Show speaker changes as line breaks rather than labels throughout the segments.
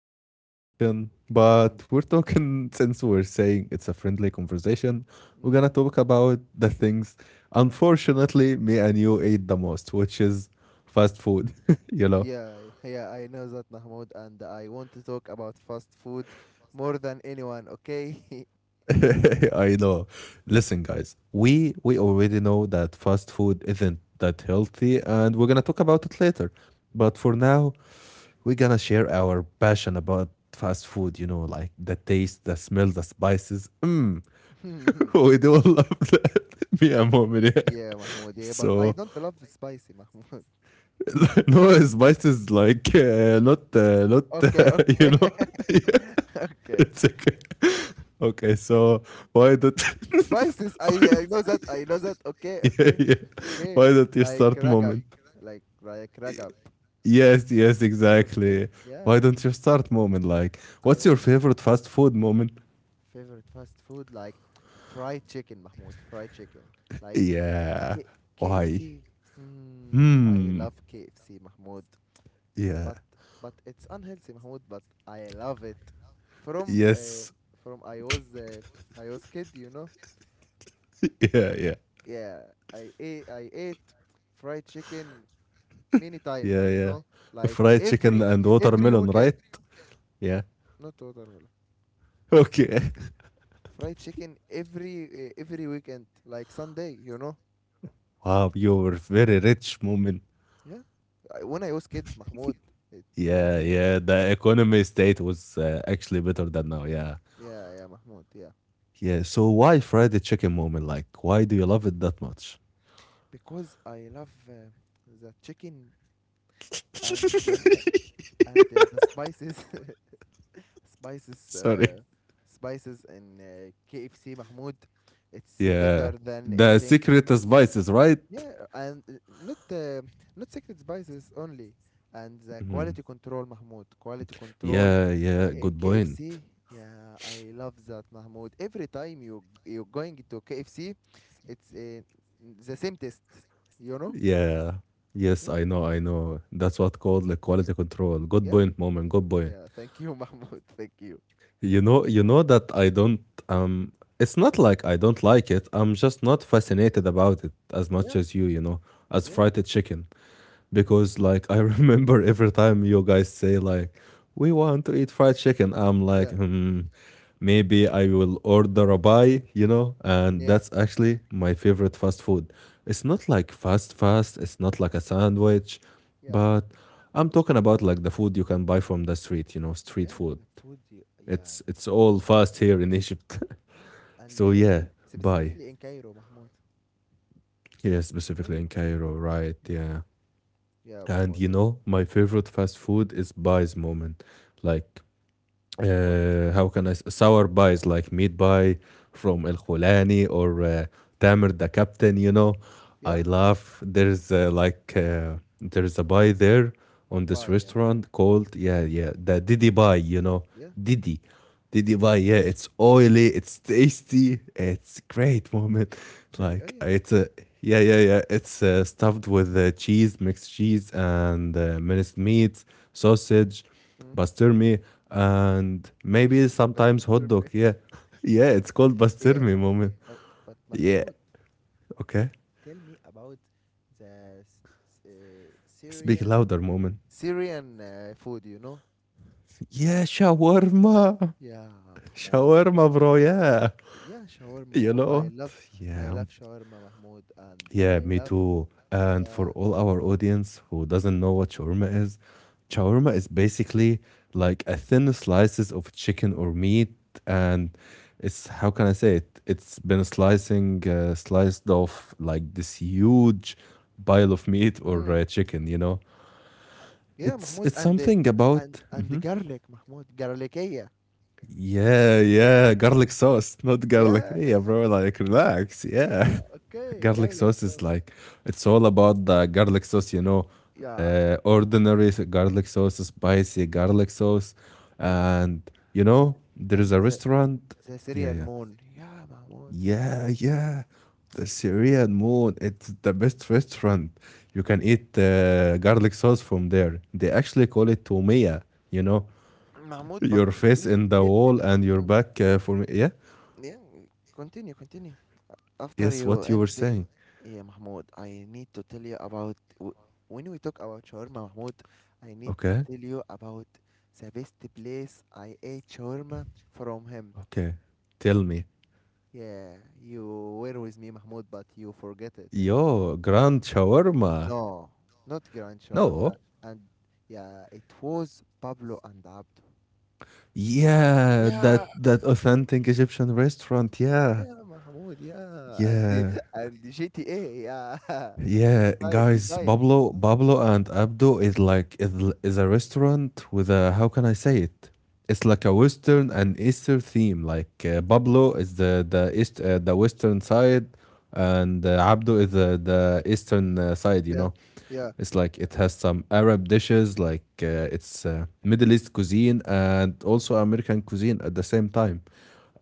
conversation, but we're
Mm.
talking, since we're saying it's a friendly conversation, we're gonna
Mm.
talk about the things, unfortunately, me and you ate the most, which is fast food, you know?
Yeah, yeah, I know that, Mahmoud, and I want to talk about fast food more than anyone, okay?
I know. Listen, guys, we already know that fast food isn't that healthy, and we're gonna talk about it later. But for now, we're gonna share our passion about fast food. You know, like the taste, the smell, the spices. Mm. We do love that. Me and mom, yeah.
Yeah, Mahmoud, yeah, but I
So
don't love spicy, Mahmoud.
no spices like not
Okay,
you
okay,
know. Yeah,
okay.
it's okay. Okay, so why don't?
Spices, I know that, I know that, okay,
Yeah,
okay,
yeah.
okay.
Why don't you
Like
start
ragab,
moment?
like ragab,
Yes, yes,
okay,
exactly.
yeah.
Why don't you start moment? Like,
I
what's your
want
favorite fast food moment?
favorite fast food like fried chicken, Mahmoud, fried chicken, like
Yeah.
K
Why?
KFC. I
Hmm.
love KFC, Mahmoud,
Yeah.
but but it's unhealthy, Mahmoud, but I love it from uh,
Yes.
from I was kid, you know.
Yeah, yeah.
Yeah, I ate fried chicken many times,
Yeah,
you
yeah.
know, like
Fried chicken and
every
watermelon,
weekend.
right? Yeah.
Not watermelon.
Okay.
Fried chicken every weekend, like Sunday, you know.
Wow, you were very rich moment.
Yeah. When I was kid, Mahmoud. It, yeah,
Yeah, yeah. The economy state was actually better than now. Yeah.
yeah, Mahmoud, yeah.
Yeah. So why fried chicken moment? Like, why do you love it that much?
Because I love the chicken and and the spices, spices,
Sorry.
spices in KFC, Mahmoud. It's
Yeah.
better than
The
anything.
secret spices, right?
Yeah, and not not secret spices only, and the
Mhm.
quality control, Mahmoud. Quality control
Yeah, yeah.
in
Good point.
KFC. Yeah, I love that, Mahmoud. Every time you're going to KFC, it's the same test, you know?
Yeah. Yes,
Mm,
I know, I know. That's what called the quality control. Good
Yeah,
point, moment. Good point.
yeah. Thank you, Mahmoud. Thank you.
You know that I don't um it's not like I don't like it. I'm just not fascinated about it as much
Yeah,
as you, you know, as
yeah,
fried chicken.
mm,
Because like I remember every time you guys say like we want to eat fried chicken, I'm like,
yeah,
hmm, maybe I will order a buy, you know, and
yeah,
that's actually my favorite fast food. It's not like fast fast, it's not like a sandwich,
yeah,
but I'm talking about like the food you can buy from the street, you know, street
yeah.
food.
The food, you, yeah,
It's
the
it's
food
all
street,
fast here in Egypt.
yeah, and
So yeah, buy.
specifically in Cairo, Mahmoud.
Yeah, specifically in
Cairo.
Cairo, right?
Yeah.
Yeah.
Yeah,
And
Mahmoud,
you
yeah.
know, my favorite fast food is
Mm.
pies moment. Like,
What?
how can I s- sour pies like meat pie from El Khulani or Tamer the Captain, you know. I
Yeah?
love there's like there's a pie there on this
Bye, yeah.
restaurant called yeah, yeah, the Didi pie, you know.
Yeah.
Didi. Did yeah, it's oily, it's tasty, it's great, woman.
Very,
Like
yeah.
it's a yeah, yeah, yeah. It's stuffed with cheese, mixed cheese, and minced meat, sausage,
Mm.
pastrami, and maybe
Best
sometimes hot dog.
roommate.
Yeah, yeah. It's called
Yeah,
pastrami, woman.
but
Yeah.
Mahmoud,
Okay.
tell me about the
Speak
Syrian,
louder, woman.
Syrian food, you know?
Yeah, shawarma,
Yeah, Mahmoud.
shawarma, bro. Yeah.
Yeah, shawarma,
You
Mahmoud.
know what?
I
Yeah.
love shawarma, Mahmoud, and
Yeah,
I
me
love
too. And for
yeah.
all our audience who doesn't know what shawarma is basically like a thin slices of chicken or meat, and it's how can I say it? It's been slicing, sliced off like this huge pile of meat or
Mm.
chicken. You know,
Yeah,
it's
Mahmoud,
it's something
and
about.
and the garlic, Mahmoud, garlicia.
Yeah, yeah, garlic sauce, not garlic.
Yeah,
Yeah, bro, like relax.
yeah.
Yeah,
Okay,
garlic
garlic
sauce is
sauce.
like it's all about the garlic sauce. You know,
Yeah,
ordinary s- garlic sauce, spicy garlic sauce, and you
And
know there is
and
a restaurant.
the
Yeah,
Syrian
yeah,
moon. Yeah, Mahmoud, the Syrian.
yeah, yeah. The Syrian Moon. It's the best restaurant. You can
Yeah.
eat garlic sauce from there. They actually call it tomia. You know,
Mahmoud, but
your face
let,
in the
let, let-
wall and your
mm,
back for me. Yeah.
yeah, continue. After
Yes,
you
what you
end
were
the
saying.
yeah, Mahmoud, I need to tell you about w- when we talk about shawarma, Mahmoud. I need to
Okay.
tell you about the best place I ate shawarma from him.
Okay. Tell me.
Yeah, you were with me, Mahmoud, but you forget it.
Yo, grand shawarma.
No, not Grand
No.
Shawarma, and yeah, it was Pablo and Abd.
Yeah,
Yeah,
that that authentic Egyptian restaurant. Yeah.
yeah, Mahmoud. Yeah,
Yeah.
and the GTA يا
Yeah,
ستايل
guys,
design
Pablo, Pablo and Abdo is like is a restaurant with a how can I say it? It's like a Western and Eastern theme. Like Pablo is the east the Western side, and Abdo is the Eastern side. You
yeah
know,
yeah
it's like it has some Arab dishes, like it's Middle East cuisine and also American cuisine at the same time.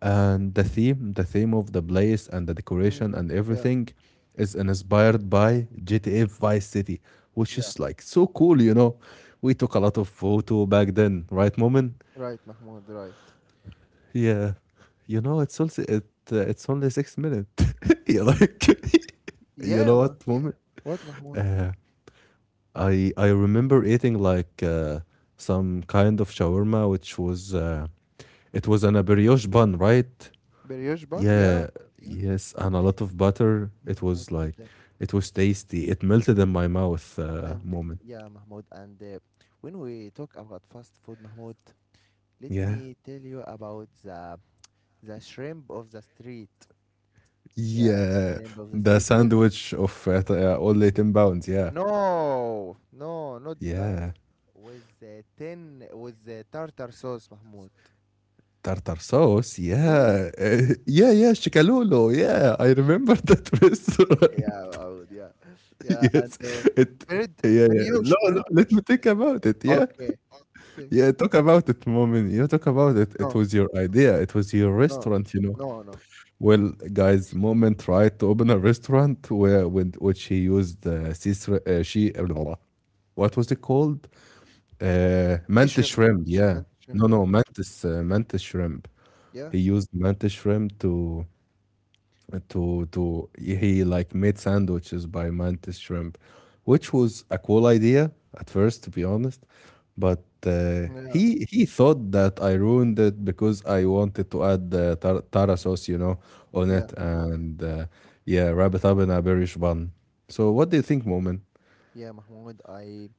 And the theme of the place and the
mm,
decoration and
yeah
everything is inspired by GTA Vice City, which
yeah
is like so cool, you know. We took a lot of photo back then, right, Moment?
right Mahmoud. Right
Yeah. You know, it's also it it's only 6 minutes. You like you
yeah
know what, Moment?
what Mahmoud?
Uh, I remember eating like some kind of shawarma, which was it was an a brioche bun, right?
بريوجبان
Yeah, yes, and a lot of butter.
yeah
It
Mahmoud.
was like it was tasty. It melted in my mouth.
And
Moment.
yeah Mahmoud. And When we talk about fast food, Mahmoud, let
Yeah,
me tell you about the shrimp of the street. Yeah,
yeah.
shrimp of the
The
street with
sandwich of only 10 pounds. Yeah,
no no not that
yeah.
with 10 with tartar sauce, Mahmoud.
Tartar sauce.
Mm?
Yeah, uh, yeah, yeah. Chicalolo. Yeah, I remember that restaurant.
Yeah Mahmoud, yeah yeah and
Yes, it.
bread,
Yeah, yeah.
brioche
No, no.
bread,
Let me think about it. Yeah,
okay. Th-
yeah. Talk about it, moment. You talk about it. It
no
was your idea. It was your
no
restaurant. You know.
no no
Well, guys, moment tried to open a restaurant where when which he used sis- she blah, blah. What was it called?
Sea
Mantis
shrimp,
shrimp. Yeah.
mint
No,
shrimp,
no. Mantis. Mantis shrimp.
yeah
He used mantis shrimp to to he like made sandwiches by mantis shrimp, which was a cool idea at first, to be honest. But
yeah
he thought that I ruined it because I wanted to add the tar tara sauce, you know, on
yeah
it, and yeah, wrap it up in a British bun. So what do you think, Moment?
yeah Mahmoud.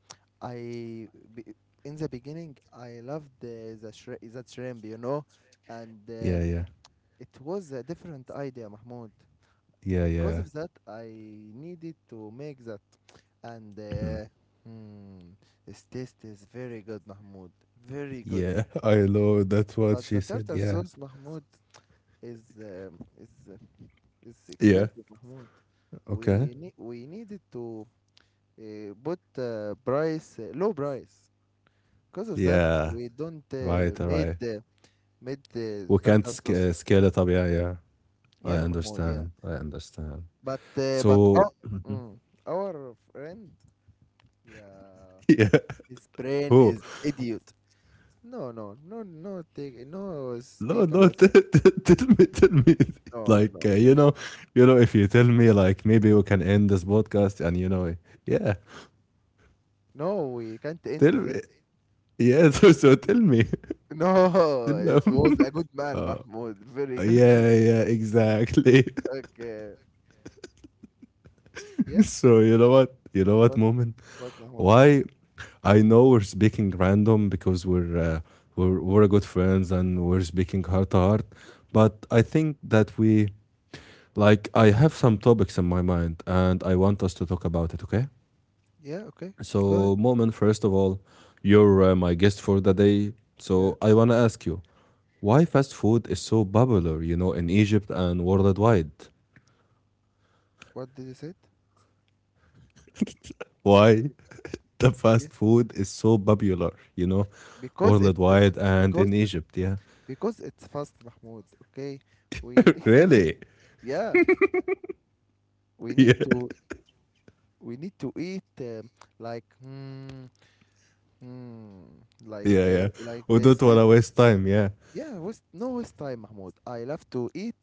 i be- in the beginning I loved the shrimp, you know, and
Yeah, yeah,
it was a different idea, Mahmoud.
yeah,
Because
yeah,
of that, I needed to make that. And uh, hmm, this taste is very good, Mahmoud. Very good.
yeah. I know that's what
But
she
the
said.
tartar
Yeah,
sauce, Mahmoud, is is
yeah.
expensive, Mahmoud.
Okay.
We needed to put price low price. Because of that,
Yeah.
we don't
Right. All right.
made
We
the
can't
tartar
sc
sauce.
scale it up. Yeah, yeah. I
Yeah, Mahmoud. Yeah,
understand. I understand.
but
So
our, mm, our friend. Yeah.
yeah.
His brain
Oh
is idiot. No, no, no, no, take, no,
no,
speak
no.
about
T-
names.
t- tell me, tell me.
No,
Like
no,
you know, you know. If you tell me, like maybe we can end this podcast, and you know, yeah.
no, we can't end
Tell
this.
me. Yeah. So, so tell me.
No,
Tell
it
me.
was a good man, Mahmoud. Very good.
Yeah. Yeah. Exactly.
Okay. Yeah.
So you know what? You know what,
What?
moment?
What, Mahmoud?
Why? I know we're speaking random because we're we're good friends and we're speaking heart to heart, but I think that we like, I have some topics in my mind and I want us to talk about it, okay?
Yeah. Okay. Go ahead.
So, Moment, first of all, you're my guest for the day.
Yeah.
So, I want to ask you why fast food is so popular, you know, in Egypt and worldwide?
What did you say?
Why
I-
the
Yeah.
fast food is so popular, you know,
Because it's
worldwide and
because
in Egypt, yeah?
because it's fast, Mahmoud. Okay. We need,
Really?
yeah. We need
Yeah,
to we need to eat like. hmm, Mm,
yeah, yeah. We don't want to
it's
waste time, yeah.
yeah waste no waste time, Mahmoud. I love to eat.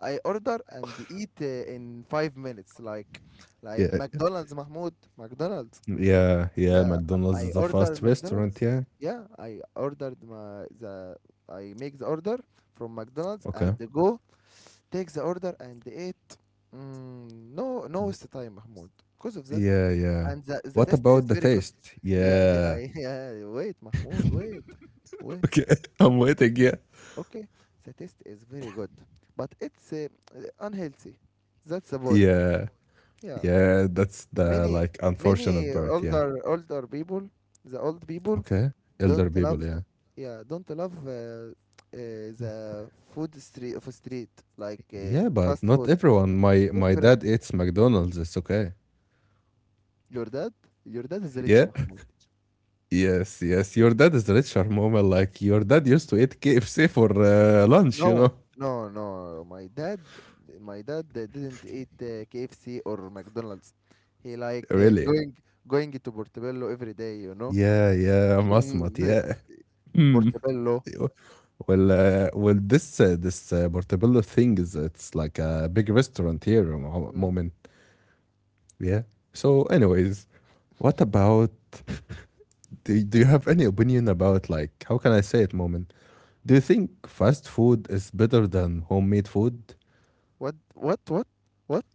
I order and eat in 5 minutes, like
Yeah,
McDonald's, Mahmoud, McDonald's.
yeah, yeah.
Yeah,
McDonald's
I
is a
order
fast
McDonald's.
restaurant, yeah.
Yeah, I make the order from McDonald's
Okay.
and go. Take the order and ate. No no waste time, Mahmoud, because of that.
Yeah, yeah.
And the
What
test is
about the
very good.
taste?
Yeah,
Yeah.
yeah, wait Mahmoud, wait.
Okay, I'm waiting. Yeah.
Okay, the test is very good, but it's unhealthy. That's the point.
Yeah.
Yeah.
Yeah, that's the
many
like
Many
unfortunate part. Yeah.
older people, the old people,
Okay. Elder
don't
people,
love,
yeah.
yeah, don't love uh, the food street of street, like uh,
Yeah, but
fast
not
food.
everyone. My
Not
my
everyone.
dad eats McDonald's. It's okay.
Your dad? Your dad is rich,
Yeah.
Mahmoud.
Yes, yes.
Yeah?
Your dad is richer, Mama. Like your dad used to eat KFC for lunch, you know.
No, no, no. My dad didn't eat KFC or McDonald's. He like
Really?
going to Portobello every day, you know.
Yeah, yeah. Masmat,
Mm,
yeah.
Portobello.
Well, well, this Portobello thing is it's like a big restaurant here at the
Mm.
moment. Yeah. So, anyways, what about do, do you have any opinion about like how can I say it, moment? Do you think fast food is better than homemade food?
What? What? What? What?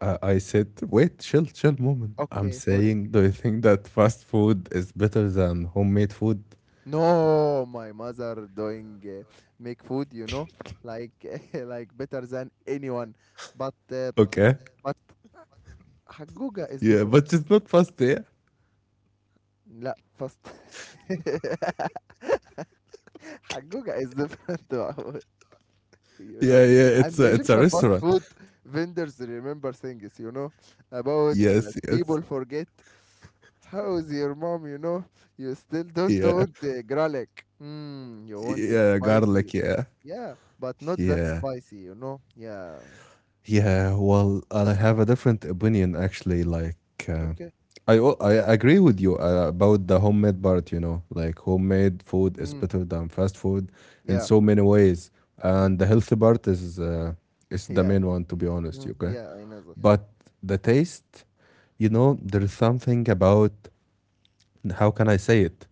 I said, wait, chill, chill, moment. I'm
Okay, sorry.
saying, do you think that fast food is better than homemade food?
No, my mother doing make food, you know, like like better than anyone. But uh,
Okay.
but Haguga is
Yeah,
different.
but it's not fast. Yeah.
لا fast Haggooga is different to our, you know,
Yeah, yeah.
and the
It's a
Egyptian fast
restaurant.
food vendors remember things, you know, about that
Yes, yes.
people forget. How is your mom, you know? You still don't
Yeah.
want the garlic. Mm, you want it
Yeah, garlic,
spicy.
yeah.
Yeah, but not that
Yeah.
spicy, you know? Yeah.
Yeah, well, and I have a different opinion actually. Like, uh,
Okay.
I al- I agree with you about the homemade part, you know. Like, homemade food is
Mm,
better than fast food in
yeah.
so many ways.
Mm,
And the healthy part is the
yeah.
main one, to be honest,
Mm,
okay?
yeah, I know that.
But the taste, you know, there's something about how can I say it?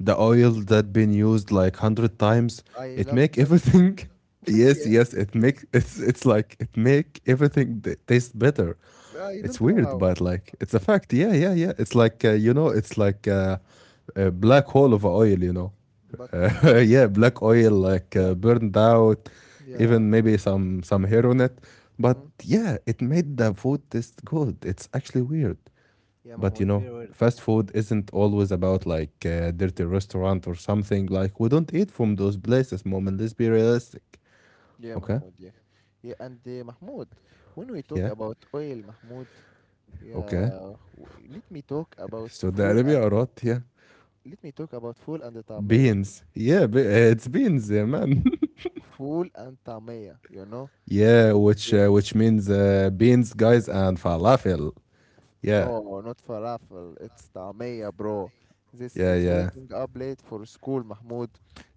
The oil that been used like hundred times,
I
it
love
make
that.
everything. Yes,
Yeah.
yes, it make it's like it make everything t- taste better.
I
It's
don't know
weird,
how,
but like it's a fact. Yeah, yeah, yeah. It's like you know, it's like a black hole of oil. You know,
but Mahmoud.
yeah, black oil like
Yeah.
burned out, even
Yeah.
maybe some hair on it. But
Mm,
yeah, it made the food taste good. It's actually weird.
yeah,
But you
Mahmoud,
know,
very weird.
fast food isn't always about like a dirty restaurant or something. Like we don't eat from those places, mom, and let's be realistic.
Yeah,
Okay?
Mahmoud. Yeah, yeah. And Mahmoud, when we talk
Yeah.
about oil, Mahmoud,
Okay.
yeah, let me talk about
Saudi
full and
Arabia or what? Yeah.
let me talk about full and the tamia.
Beans. Yeah, be- it's beans, yeah, man.
Full and tamia. You know,
Yeah,
this is,
which means beans, guys, and falafel. Yeah.
no, not falafel. It's tamia, bro. This
Yeah,
is
yeah.
waking up late for school, Mahmoud.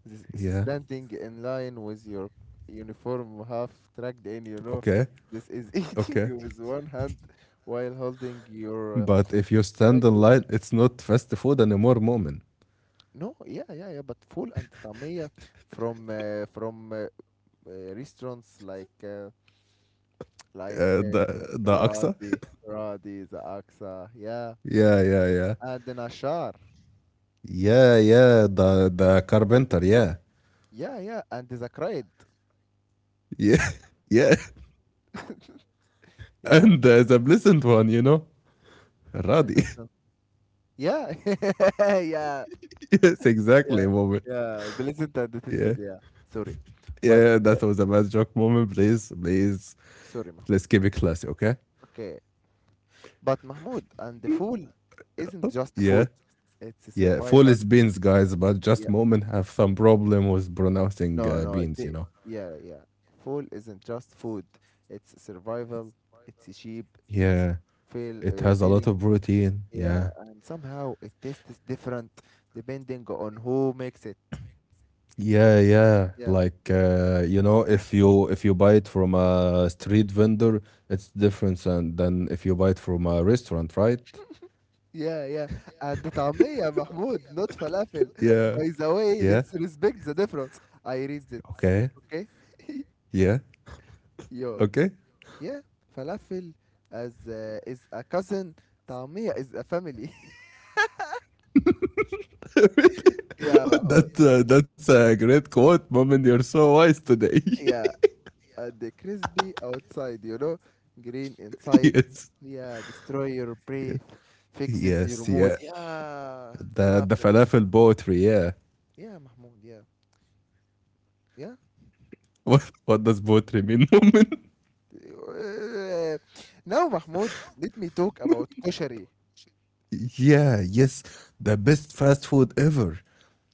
This is
Yeah.
standing in line with your uniform half tracked in. You know,
Okay.
this is eating
Okay.
with one hand while holding your
But if you stand
bag.
in line, it's not fast food anymore, moment.
No, yeah, yeah, yeah, but full and tamia from restaurants like uh, like
Uh,
uh,
the the Aqsa.
Radi, The Aksa, yeah,
Yeah, yeah, yeah.
and the Nashar,
Yeah, yeah, the carpenter, yeah.
yeah, yeah, and the Zakraid,
Yeah, yeah.
yeah, man,
And the pleasant one, you know?
I
Ruddy.
don't know, yeah, yeah,
Yes,
yeah,
exactly, moment.
yeah, Pleasant and Tilted,
Yeah.
yeah, sorry, but
Yeah,
uh,
that was a bad joke moment. Please, please,
sorry, Mahmoud,
let's keep it classy, okay?
okay, but Mahmoud, and the fool isn't just
Yeah.
food, it's a
Yeah, full
survival.
is beans, guys, but just moment have some problem with pronouncing
No, no.
beans, you
It,
know?
yeah, yeah. Fall isn't just food. It's survival. It's sheep. It's
Yeah,
fail,
it has a lot
failing.
of protein.
Yeah,
Yeah,
and somehow it tastes different depending on who makes it.
yeah.
Yeah,
Like you know, if you buy it from a street vendor, it's different than if you buy it from a restaurant, right?
yeah, yeah. And the طعمية Mahmoud, not falafel.
Yeah,
By the way,
yeah.
let's respect the difference. I read it.
Okay,
Okay?
yeah.
Yo.
Okay.
Yeah, falafel as is a cousin. طعمية is a family. Yeah, Mahmoud.
That's a great quote, mom, and you're so wise today.
Yeah. And the crispy outside, you know, green inside.
Yes,
Yeah, destroy your breath, fixes your
yes,
mood.
yeah.
Yeah,
The
falafel.
falafel poetry, yeah.
Yeah, Mahmoud. Yeah, yeah.
What does poetry mean, woman?
Uh, Now, Mahmoud, let me talk about koshari.
Yeah, yes, the best fast food ever.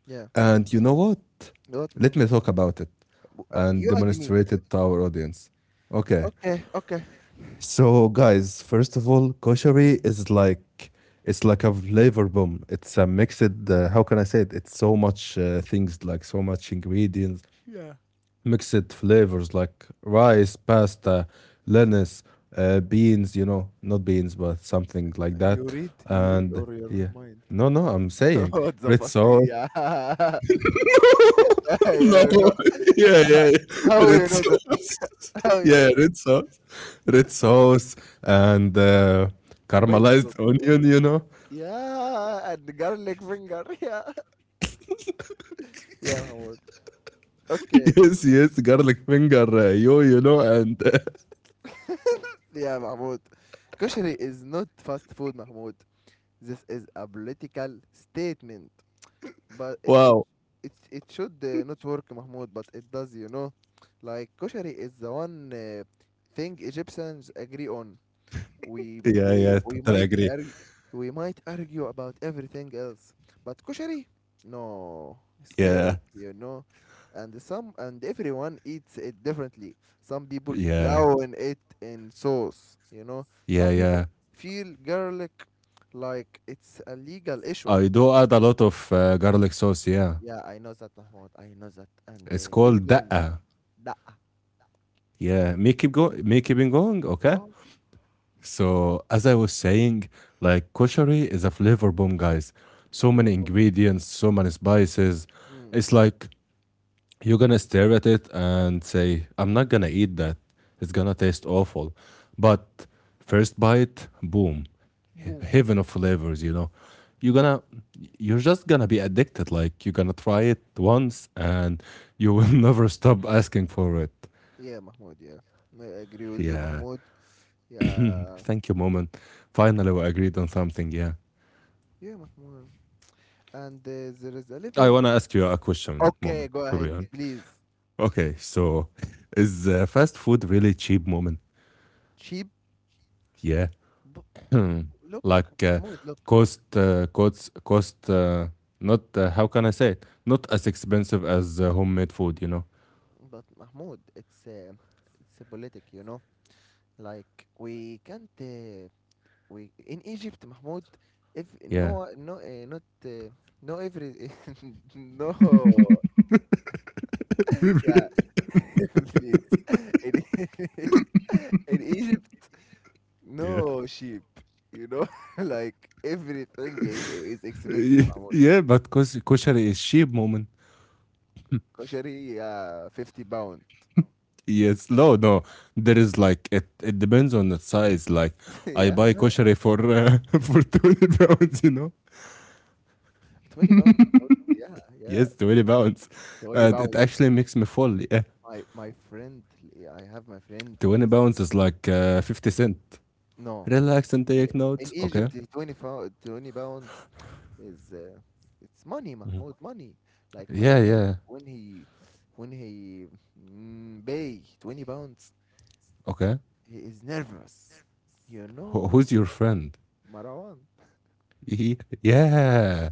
Yeah,
And you know what?
what
Let
Mahmoud?
me talk about it and
You and me.
demonstrate it to our audience. Okay.
Okay, okay.
So guys, first of all,
Mm.
koshari is like a flavor bomb. It's a mixed how can I say it? It's so much things like so much ingredients,
Yeah.
mixed flavors like rice, pasta, lettuce, beans, you know, not beans but something like that.
You read,
And
or your
yeah.
mind?
No, no, I'm saying
What the
red
fuck?
sauce.
Yeah. Yeah,
No,
you know.
yeah.
How
Red
you know that?
sauce.
How you
Yeah,
know?
red sauce, and
Tomato
caramelized
sauce.
onion. You know,
Yeah, and garlic finger. Yeah, yeah, Mahmoud. Okay,
yes, yes, garlic finger, you know, and
yeah, Mahmoud. Kashri is not fast food, Mahmoud. This is a political statement, but it
wow,
it should not work, Mahmoud. But it does, you know. Like kashri is the one thing Egyptians agree on. We
yeah,
we
yeah,
we
totally
might
agree.
argue, we might argue about everything else, but koshari, no, scared,
Yeah,
you know. And everyone eats it differently. Some people
yeah,
drown it in sauce, you know.
yeah,
Some
yeah.
people feel garlic like it's a legal issue.
I do add a lot of garlic sauce. Yeah,
Yeah, I know that, Mahmoud. I know that. And
it's
Keep
called
going.
da'a.
Da.
Yeah, me keeping going. Okay.
Oh,
So, as I was saying, like koshari is a flavor bomb, guys. So
clever.
many ingredients, so many spices.
Mm.
It's like you're gonna stare at it and say, I'm not gonna eat that. It's gonna taste awful. But first bite, boom.
Boom.
Heaven of flavors, you know. You're gonna you're just gonna be addicted. Like you're gonna try it once and you will never stop asking for it.
Yeah, Mahmoud. Yeah, I agree with you,
Yeah.
Mahmoud. Yeah.
Thank you, moment. Finally we agreed on something, yeah.
Yeah, Mahmoud. And There is a
I
level.
want to ask you a question,
Okay,
moment,
go
to
ahead,
be honest.
please.
Okay, so is fast food really cheap, moment?
Cheap.
Yeah.
B-
Hmm.
Look,
Like
Mahmoud, look, look.
cost, not, how can I say it? Not as expensive as homemade food, you know?
But Mahmoud, it's a politic, you know. Like we can't. We in Egypt, Mahmoud. If
Yeah.
no, no, not. No, every no, yeah, please. In, in Egypt,
Yeah.
no sheep, you know, like everything in, is expensive, Mahmoud.
Yeah, but kosher is cheap, moment.
Koshari, yeah, 50 pounds.
Yes, no, no. There is like, it depends on the size. Like, I
Yeah,
buy kosher for, for 20 pounds, you know?
£20. What? Yeah, yeah,
Yes, 20 pounds.
20
It
pounds.
actually makes me fall. Yeah.
My friend, yeah, I have my friend.
20
He's
pounds is like 50 cents.
no
Relax and take
in
notes. Okay.
Egypt. The £20, £20 is it's money,
Mhm.
Mahmoud, money. Like my
Yeah,
friend,
yeah.
when he pay £20,
Okay.
he is nervous. You
Who
know,
who's your friend?
Marwan.
Yeah.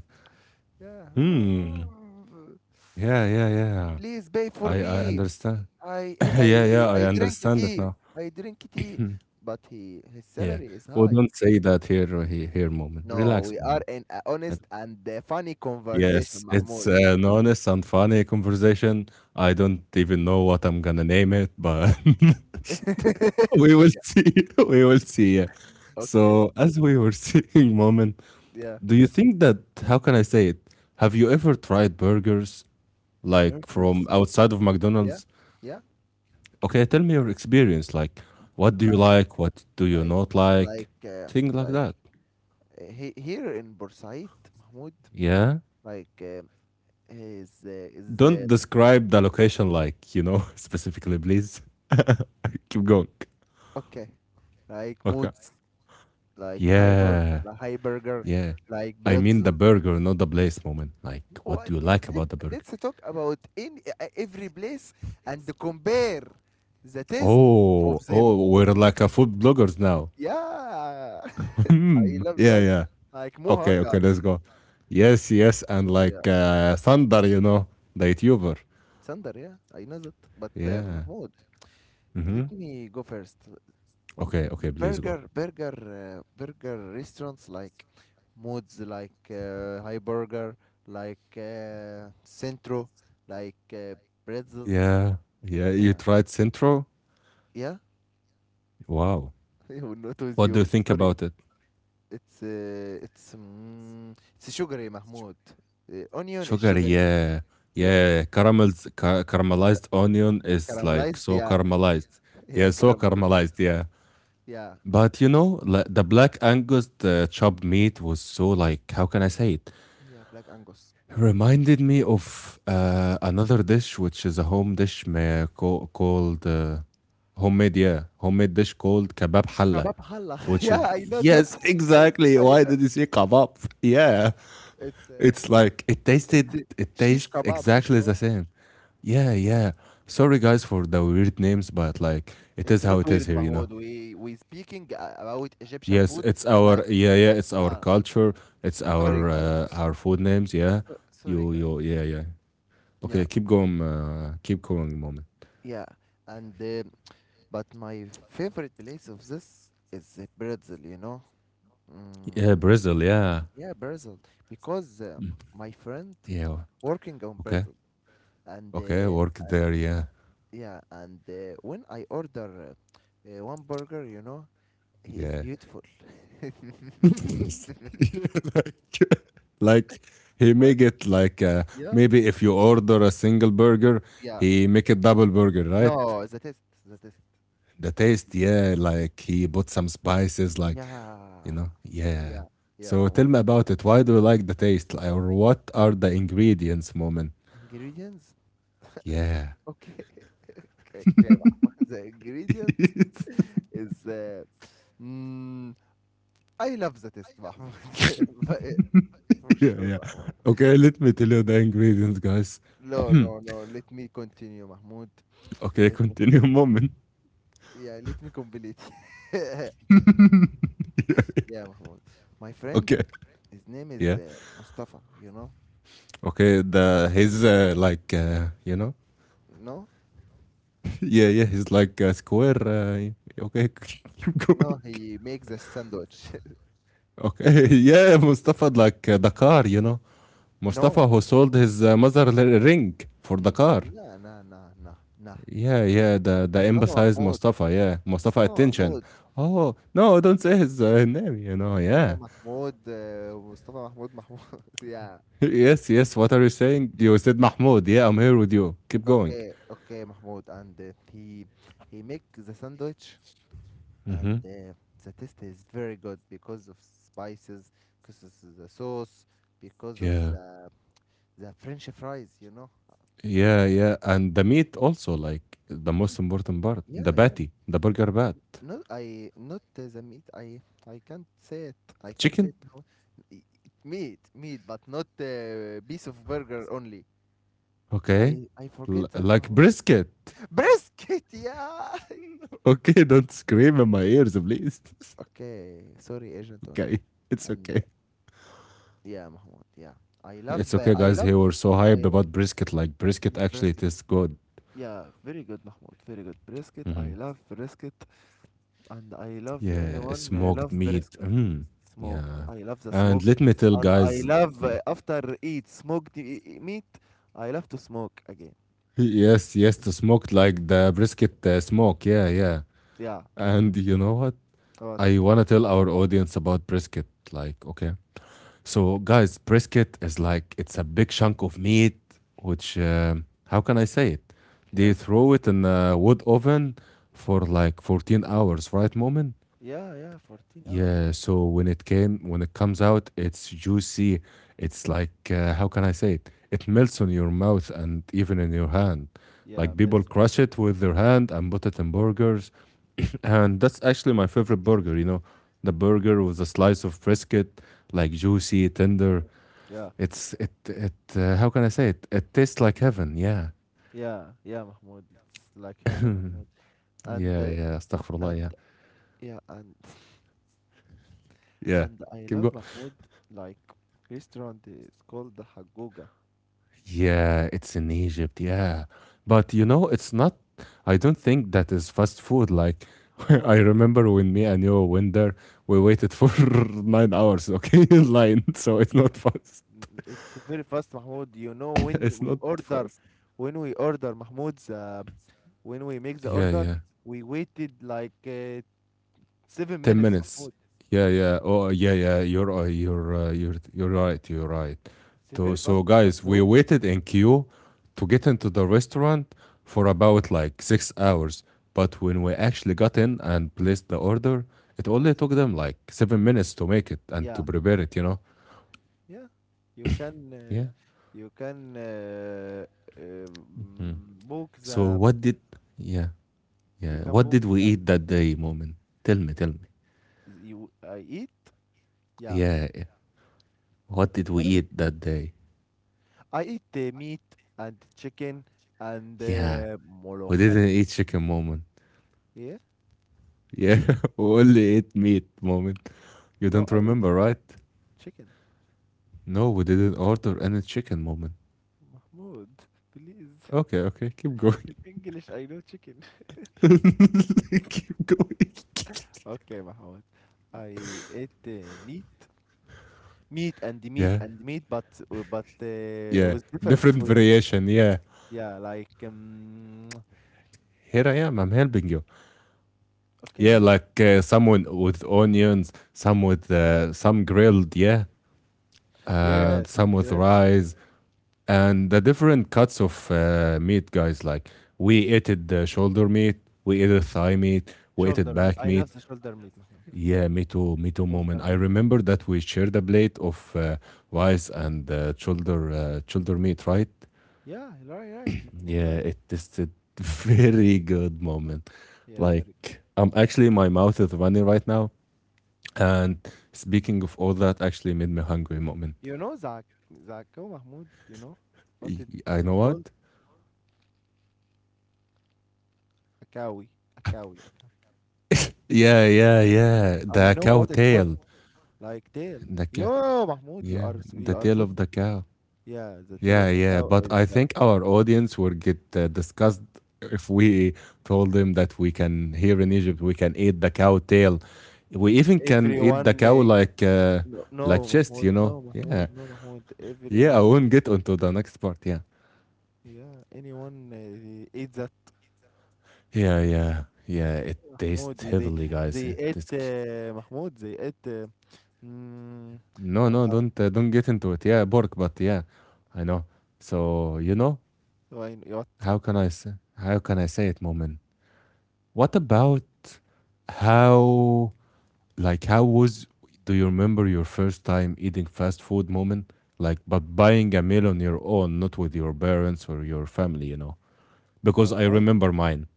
Yeah.
Hmm. Yeah, yeah, yeah.
Please pay
I,
for
I
me.
understand. Yeah, yeah, I
I drink
understand it
tea.
now.
I drink tea, but he his
yeah.
salary is
Well,
high.
don't say that here, here moment.
No,
Relax
we are
moment.
in a honest and a funny
Yes,
conversation,
it's
Mahmoud.
an honest and funny conversation. I don't even know what I'm gonna name it, but we will
Yeah.
see. We will see. Yeah.
Okay.
So, as we were seeing, moment,
Yeah.
do you think how can I say it? Have you ever tried burgers like from
Burgers.
outside of
Yeah.
McDonald's?
Yeah.
Okay, tell me your experience. Like, what do you
Like
like? What do you
like
not like?
like uh,
Things like
like
that.
he, here in Bursaid, Mahmoud.
Yeah.
Like is
Don't describe the location like, you know, specifically, please. Keep going.
okay. Like
Okay.
moods. Like high burger.
Yeah,
Like high burger.
yeah.
Like
I
bread.
mean the burger, not the place moment. Like, what
Well,
do you like
let,
about the burger?
let's talk about in every place and compare the taste of
Oh,
them.
oh, we're like a food bloggers now.
Yeah, I
Hmm.
love
Yeah,
that.
yeah.
Like more.
Okay, okay, let's go. Yes, yes, and
Yeah,
like Thunder, you know, the YouTuber.
it's under. Yeah, I know that. But
Yeah.
Mahmoud,
Mm-hmm.
let me go first.
Okay,
B-
okay, please go.
Burger, burger, uh, burger restaurants like Moods, like High Burger, like Centro, like Pretzel.
Yeah, yeah. You
Yeah,
tried Centro?
yeah.
Wow.
Not with
What do you
you.
think
Sorry.
about it?
It's sugary, Mahmoud. Onion is
Sugary,
sugary.
yeah.
Yeah,
Yeah, caramelized onion is like
caramelized.
so
Yeah,
caramelized. Yeah,
yeah,
so
caramel.
caramelized, yeah.
Yeah,
But you know, like the black Angus chopped meat was so like, how can I say it?
yeah, black Angus.
Reminded me of another dish, which is a home dish called homemade dish called kebab halla,
Kebab halla.
which
Yeah,
is,
I know that.
yes,
I
exactly,
I
why
know.
did you say kebab, yeah,
It's uh,
it's like
it's uh,
it
shish
tastes
kebab. Shish
exactly the
kebab.
same. Yeah, yeah. Sorry guys for the weird names, but like it is
It's
how it
not
is
weird,
here, you know.
Mahmoud. We speaking about Egyptian
Yes,
food
it's our,
like
yeah, yeah, it's our
yeah.
culture, it's
Sorry, guys.
our food names, yeah.
So, sorry,
You
guys.
you Yeah, yeah.
Yeah,
Okay, keep going moment.
yeah. And but my favorite place of this is Brazil. You know.
Yeah,
Mm,
Brazil, yeah.
yeah, Brazil. Because my friend
Yeah.
working on
Okay.
Brazil, and
Okay, work there, yeah.
yeah, and when I order one burger, you know, he is
Yeah.
beautiful.
Yeah, like, like he
My
make it like
yeah,
maybe if you order a single burger,
yeah.
he make it double burger, right?
No, the test, the test.
The taste, yeah, like he put some spices, like you
Yeah,
know, yeah.
yeah, yeah,
So tell
Mahmoud.
me about it. Why do you like the taste, like, or what are the ingredients, Moment?
Ingredients?
Yeah,
Okay, okay, okay, Mahmoud. The ingredients is mm, I love the test, Mahmoud. But, for
yeah,
sure,
yeah. Okay, let me tell you the ingredients, guys.
no, no, no. Let me continue, Mahmoud.
Okay,
Let me
continue,
continue. Ok,
Moment.
yeah, let me complete. Yeah, Mahmoud. My friend,
Okay,
his name is
yeah.
Mustafa, you know?
Okay,
Uh,
the he's like you know,
No?
yeah, yeah. He's like a square. Okay, keep
No,
going.
he makes a sandwich.
Okay, yeah, Mustafa, like the car, you know. Mustafa
No.
who sold his mother ring for the
N-
car.
Nah, nah, nah, nah, nah.
Yeah, yeah, the
Mustafa
emphasized
Mahmoud.
Mustafa. Yeah, Mustafa
Mustafa
attention.
Mahmoud.
Oh no, don't say his name. You know,
Mustafa
yeah.
Mahmoud. Mustafa Mahmoud Mahmoud. Yeah.
Yes, yes. What are you saying? You said Mahmoud. Yeah, I'm here with you. Keep going.
Okay, okay, Mahmoud. And he make the sandwich
Mm-hmm.
and the taste is very good because of spices, because of the sauce, because of
Yeah,
the French fries. You know,
yeah, yeah. And the meat also, like the most
meat.
important part,
Yeah,
the
yeah.
patty, the burger bat,
Not I, not the meat. I can't say it. I can't say
chicken.
it now. I- meat, meat, but not piece of burger only.
Okay,
I forget that
Like
now.
brisket.
Brisket, yeah.
Okay, don't scream in my ears, please.
Okay, sorry, agent only.
Okay, it's
And
okay.
Yeah, Mahmoud, yeah. I love,
It's
uh,
okay,
I
guys.
love,
Here we're so
I
hyped
love,
about brisket. Like brisket
yeah,
actually
brisket.
tastes good.
Yeah, very good, Mahmoud. Very good. Brisket. I
Hmm.
love brisket, and I love
Yeah,
anyone
smoked
love
meat.
brisket.
Mm,
Smoked.
yeah.
I love the
And
smoked,
let me tell
and I
guys,
love after eat smoked meat. I love to smoke again.
yes, yes, the smoked like the brisket smoke. Yeah, yeah.
Yeah.
And you know what?
What?
I want to tell our audience about brisket. Like, okay. So, guys, brisket is like it's a big chunk of meat, which how can I say it?
Yeah.
They throw it in a wood oven for
Mm.
like 14 hours, right, Moment?
Yeah. Yeah. 14 hours.
Yeah, so when it comes out, it's juicy. It's like how can I say it? It melts on your mouth and even in your hand.
Yeah,
Like people
Melza.
crush it with their hand and put it in burgers. And that's actually my favorite burger, you know. The burger with a slice of brisket, like juicy, tender.
Yeah.
It how can I say it? It tastes like heaven, yeah.
Yeah. Yeah, Mahmoud. It's like
Yeah,
heaven, Mahmoud. And uh,
yeah, astaghfirullah,
and
yeah.
yeah, and
Yeah.
and I
Keep
love
going.
Mahmoud like restaurant is called the Hagoga.
Yeah, it's in Egypt. Yeah. But you know, it's not, I don't think that is fast food. Like, I remember when me and you went there, we waited for 9 hours, okay, in line. So it's not fast.
It's very fast, Mahmoud. You know
It's not fast.
when we order, Mahmoud's, when we make the
Yeah,
order,
yeah.
we waited like seven
10
minutes,
minutes.
Mahmoud.
Yeah, yeah. Oh, yeah, yeah. You're right. You're right.
It's
To,
very fast,
so
but
guys,
the
we
wait,
waited in queue to get into the restaurant for about like 6 hours. But when we actually got in and placed the order, it
yeah,
only
it's,
took them like 7 minutes to make it and to
yeah,
prepare it, you know?
yeah. You can,
Yeah.
uh, you can uh, mm,
Mm.
book
So
the,
what did Yeah,
you
yeah.
can
What
book
did we
the,
eat that day, Moment? Tell me, tell me.
you I eat, yeah,
Yeah, yeah. What
in
did we
Arabic,
eat that day?
I eat meat and chicken and
Yeah.
uh,
We
molokhaya.
didn't eat chicken, Moment.
Yeah,
Yeah. We only ate meat, Moment. You
no,
don't
I eat
remember,
chicken,
right?
chicken.
No, we didn't order any chicken, moment.
Mahmoud, please.
Okay, okay, keep going.
In English, I know chicken.
Keep going.
Okay, Mahmoud. I ate meat, meat and meat
Yeah,
and meat, but
yeah.
with different
Different
weight.
variation, yeah.
Yeah, like
Here I am, I'm helping you.
okay,
Yeah,
help.
like someone with onions, some with some grilled, yeah,
Yeah, some
some with
grilled
rice, and the different cuts of meat, guys. Like we ate it the shoulder meat, we ate the thigh meat, we ate it
shoulder meat.
back
I
meat.
love the shoulder meat, Mahmoud.
Yeah, me too moment.
Shoulder
I
meat. Mah-
remember that we shared a plate of rice and shoulder meat, right?
yeah, right, right, Mahmoud,
Yeah,
right.
it tasted very good moment.
Yeah, very.
Like actually my mouth is running right now. And speaking of all that actually made me hungry moment.
You know the cow, Mahmoud. You know what it
I know
called?
what?
Akawi, akawi, akawi.
Yeah, yeah, yeah.
I
The
know
cow
what it called.
tail.
Like Tale.
The cow.
Yo, Mahmoud,
Yeah, the
you are
tail
good,
of the
Mahmoud.
cow.
Yeah, the Tale
Yeah,
of the
yeah,
Cow
but
is
I
the,
think our audience would get disgusted if we told them that we can here in Egypt we can eat the cow tail. We even can eat the
everyone.
cow
No,
like
no,
chest,
Mahmoud,
you
no,
know.
Mahmoud,
Yeah,
no, Mahmoud.
yeah. I
Everyone,
won't get onto the next part. Yeah,
yeah, anyone eat that,
yeah. It
Mahmoud.
tastes
They
heavily, guys.
they
It tastes.
ate Mahmoud. They ate. Mm,
No, no,
how
don't get into it. Yeah, pork, but yeah, I know. So you know
wine? What
how can I say it, moment? What about how? Like how was Do you remember your first time eating fast food, moment? Like, but buying a meal on your own, not with your parents or your family, you know, because I
Bavine?
remember mine.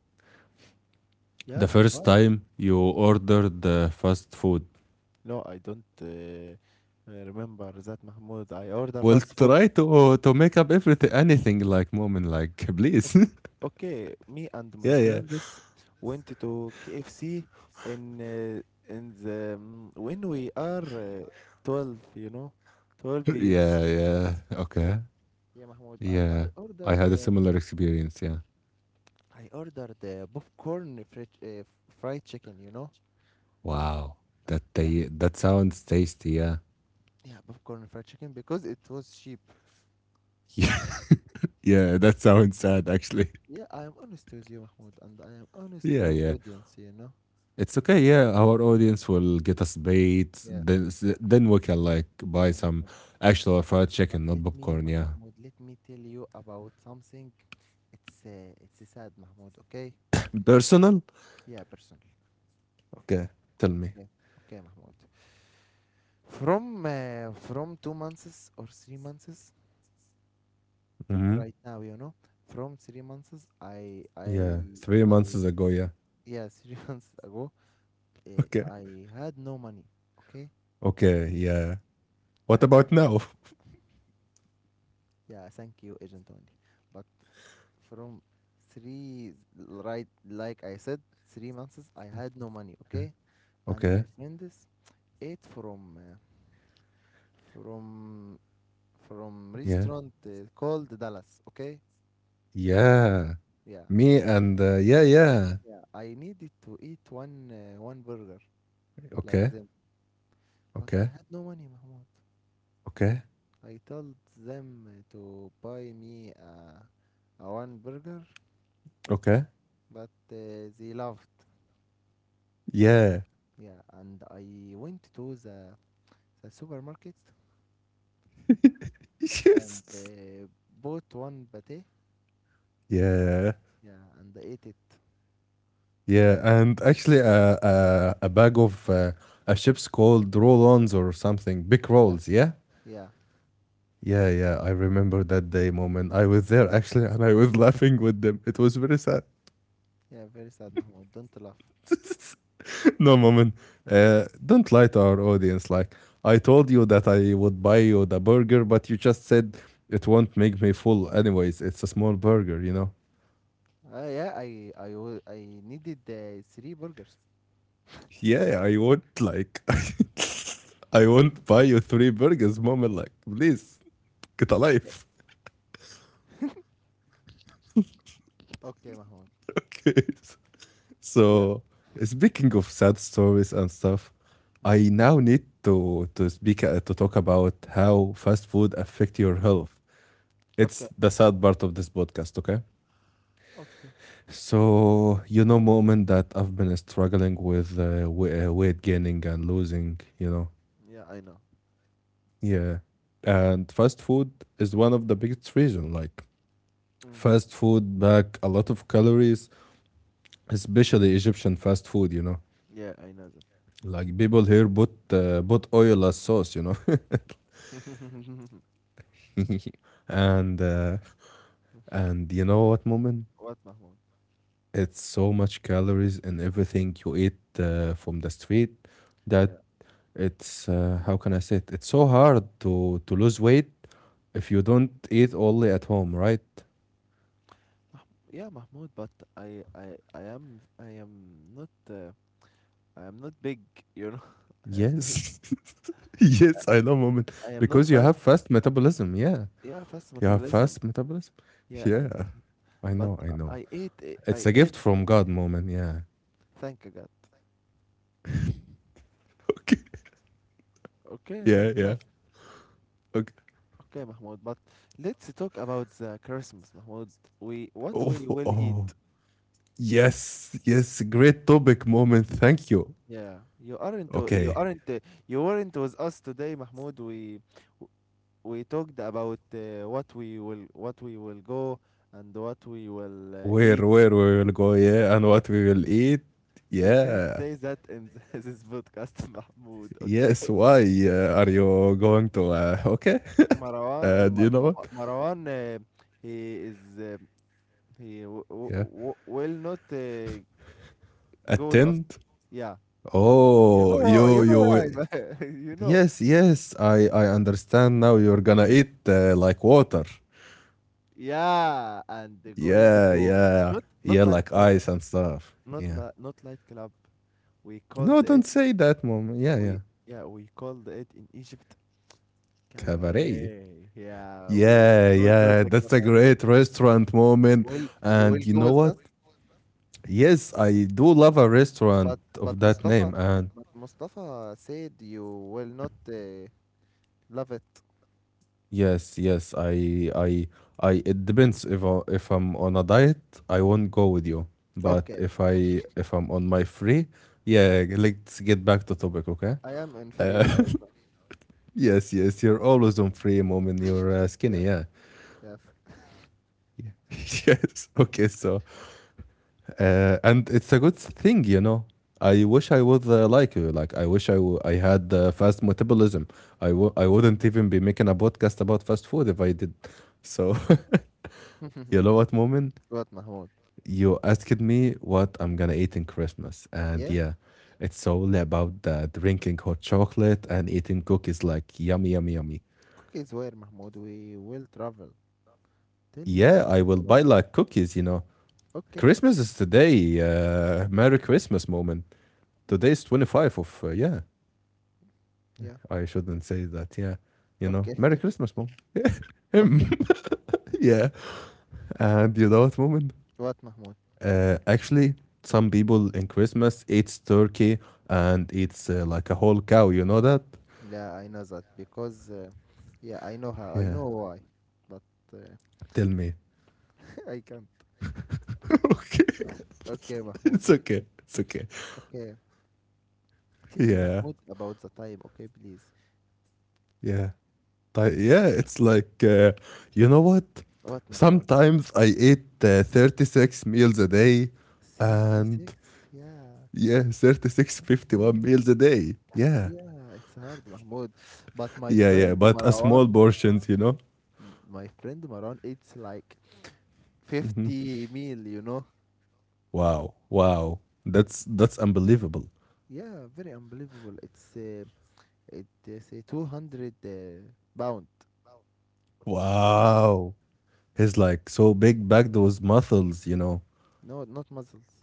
The
Yeah,
first
Bavine.
time you ordered the fast food,
No, I don't remember that, Mahmoud. I order
well,
fast food
try to make up everything, anything, like moment, like please.
O- okay, me and my
Yeah, yeah.
friends went to KFC in when we are uh, 12, you know, 12 years.
Yeah, yeah, okay.
Yeah, yeah, Mahmoud. And
Yeah,
I
I
ordered
had a
the.
similar experience, yeah.
I ordered the popcorn fried fried chicken, you know.
Wow, that
Yeah,
they that sounds tasty, yeah.
yeah, popcorn fried chicken because it was cheap.
Yeah. Yeah, that sounds sad actually.
Yeah, I am honest with you, Mahmoud, and I am honest
Yeah,
with
yeah.
audience, you know.
It's okay. Yeah, our audience will get us bait.
Yeah,
Then, then we can like buy
yeah.
some actual
But
fried
but
chicken, not
let me,
popcorn. Yeah.
Mahmoud, let me tell you about something. It's sad, Mahmoud. Okay,
Personal?
yeah, personal.
Okay. Tell me.
Okay, okay, Mahmoud. From 2 months or 3 months
Hmm.
right now, you know, from 3 months, I I
Yeah. 3 months
I
ago. Yeah.
yeah, three months ago, uh,
Okay.
I had no money. Okay,
Okay. Yeah. What
and my,
about now?
yeah, thank you, agent only. But from three, right, like I said, 3 months, I had no money. Okay, and
Okay.
my friends ate from from
Yeah.
restaurant called Dallas. Okay,
Yeah.
yeah,
Me and yeah, yeah.
yeah. I needed to eat one burger like
Okay.
them, but I
Okay.
had no money, Mahmoud.
Okay.
I told them to buy me a one burger,
Okay.
but they laughed.
Yeah.
Yeah, and I went to the supermarket and
Yes.
uh, bought one pate.
Yeah.
Yeah, and ate it.
Yeah, and actually, a bag of a chips called roll-ons or something, big
Yeah,
rolls. Yeah,
yeah.
yeah, yeah. I remember that day, moment. I was there actually, and I was laughing with them. It was very sad.
Yeah, very sad, Mahmoud. Don't laugh.
No, moment. Don't lie to our audience. Like, I told you that I would buy you the burger, but you just said it won't make me full. Anyways, it's a small burger, you know.
Yeah, I needed three burgers.
Yeah, I won't like. I won't buy you three burgers, moment. Like, please get a
Okay,
life.
okay, Mahmoud.
Okay.
Yeah.
So, speaking of sad stories and stuff,
Mm.
I now need to speak to talk about how fast food affect your health.
Okay,
It's the sad part of this podcast, okay?
okay.
So, you know, moment, that I've been struggling with weight gaining and losing, you know,
Yeah, I know.
yeah, and fast food is one of the biggest reason. Like,
Mm.
fast food back a lot of calories, especially Egyptian fast food, you know.
Yeah, I know that.
Like, people here put put oil as sauce, you know. and uh, and you know what, moment?
What, Mahmoud?
It's so much calories in everything you eat from the street that
Yeah,
it's how can I say it? It's so hard to lose weight if you don't eat only at home, right?
yeah, Mahmoud. But I am not I am not big. You know, I am not
Yes, yes, I know, moment.
I am not
Because you
fat.
have fast metabolism. Yeah,
Yeah, fast
you have
metabolism.
fast metabolism.
Yeah, I
Yeah,
know. That.
I
But
know, I know.
I ate
It's
I
a
ate.
gift from God, moment. Yeah.
Thank God.
Okay.
Okay,
Yeah,
don't
yeah.
laugh.
Okay.
Okay, Mahmoud, but let's talk about the Christmas, Mahmoud. We what
Oh,
we will
oh,
eat.
yes, yes, great topic, moment. Thank you.
Yeah, you aren't w- you
Okay,
aren't you weren't with us today, Mahmoud. W- we talked about what we will go and what we will
where,
eat.
where we will go, yeah, and what we will eat,
We can't
yeah,
say that in this podcast, Mahmoud.
yes.
Okay,
Why are you going to? Okay,
Marwan
and you
Ma-
know
Ma-
what?
Ma- Marwan he is uh, he
Yeah,
will not go with us.
attend.
Yeah.
Oh,
You
you,
know
you.
why, man. You know,
Yes, yes. I understand now. You're gonna eat like water.
yeah. And they're going
Yeah,
to
yeah,
not not
yeah, like
nightclub,
ice and stuff. Yeah.
not nightclub. We
No,
called it
don't say that, mom. Yeah, yeah.
we yeah we called it in Egypt
Cabaret.
cabaret. Yeah, we will
Yeah,
go to
yeah,
the
that's a
cabaret.
great restaurant,
You
moment.
will you will
And you
go
know
with us,
what? Yes, I do love a restaurant
but but
of that
Mustafa,
name. And
but Mustafa said you will not love it.
yes, yes, I. It depends, if I'm on a diet, I won't go with you. But
Okay,
if I'm on my free,
yeah.
yeah, let's get back to topic, okay?
I am in
Uh,
Farina right now.
yes, yes, you're always on free, moment. You're
Yeah,
skinny, yeah.
yeah.
Yes. Okay, so and it's a good thing, you know. I wish I was like you. Like, I wish I had fast metabolism. I wouldn't even be making a podcast about fast food if I did. So you know what, Moment?
What Mahmoud?
You asked me what I'm gonna eat in Christmas, and
Yeah.
yeah, it's all about drinking hot chocolate and eating cookies, like yummy, yummy, yummy.
Cookies were Mahmoud. We will travel. Tell me,
Yeah, I
Mahmoud,
will
about.
buy like cookies. You know,
Okay,
Christmas is today. Merry Christmas, Moment. Today is 25 of yeah.
yeah,
I shouldn't say that. Yeah, you know,
okay,
Merry Christmas, mom.
okay.
Yeah, and you know what, moment?
What, Mahmoud?
Actually, some people in Christmas eats turkey, and it's like a whole cow. You know that?
Yeah, I know that because, yeah, I know how, I
Yeah.
know why, but uh,
Tell me.
I can't.
Okay,
Okay, Mahmoud,
it's okay.
okay,
It's okay.
okay. Tell me,
Yeah,
Mahmoud, about the time, okay, please.
yeah, yeah. It's like you know what?
What, Mahmoud?
Sometimes I eat 36 meals a day, and
36? Yeah,
yeah, 36
30
51
mean.
meals a day. Yeah.
Yeah, it's hard, Mahmoud. But my
Yeah,
friend
yeah, but a small
Marwan,
portions, you know.
it's like
Mhm.
50 meal, you know?
Wow, wow, that's unbelievable.
Yeah, very unbelievable. It is a 200 pound.
Wow, he's like so big back those muscles, you know.
No, not muscles.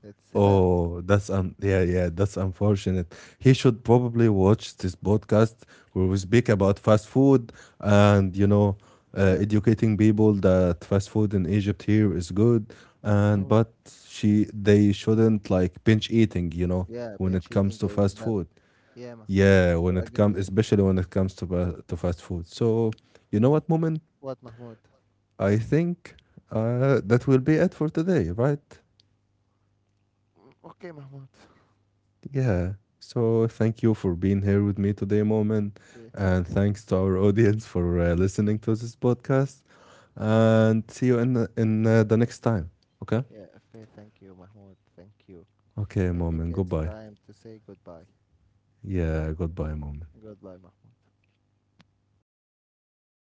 It's a fat.
Oh, that's yeah, yeah, that's unfortunate. He should probably watch this podcast where we speak about fast food and you know,
Yeah.
educating people that fast food in Egypt here is good, and
Mm.
but she they shouldn't like binge eating, you know,
Yeah,
when
bench
it
eating
comes to
is
fast
bad.
food.
Yeah, Mahmoud.
Yeah,
Yeah,
when
I
it
agree
comes,
with it.
especially when it comes to fast food. So, you know what, Moment?
What, Mahmoud?
I think that will be it for today, right?
Mm, okay, Mahmoud.
Yeah. So, thank you for being here with me today, Moment,
Yeah, thank
and
you.
thanks to our audience for listening to this podcast. And see you in the next time. Okay.
Yeah, okay, thank you, Mahmoud. Thank you.
Okay,
I think
Moment.
it's
Goodbye.
time to say goodbye.
Yeah, goodbye, Moment.
Goodbye, Mahmoud.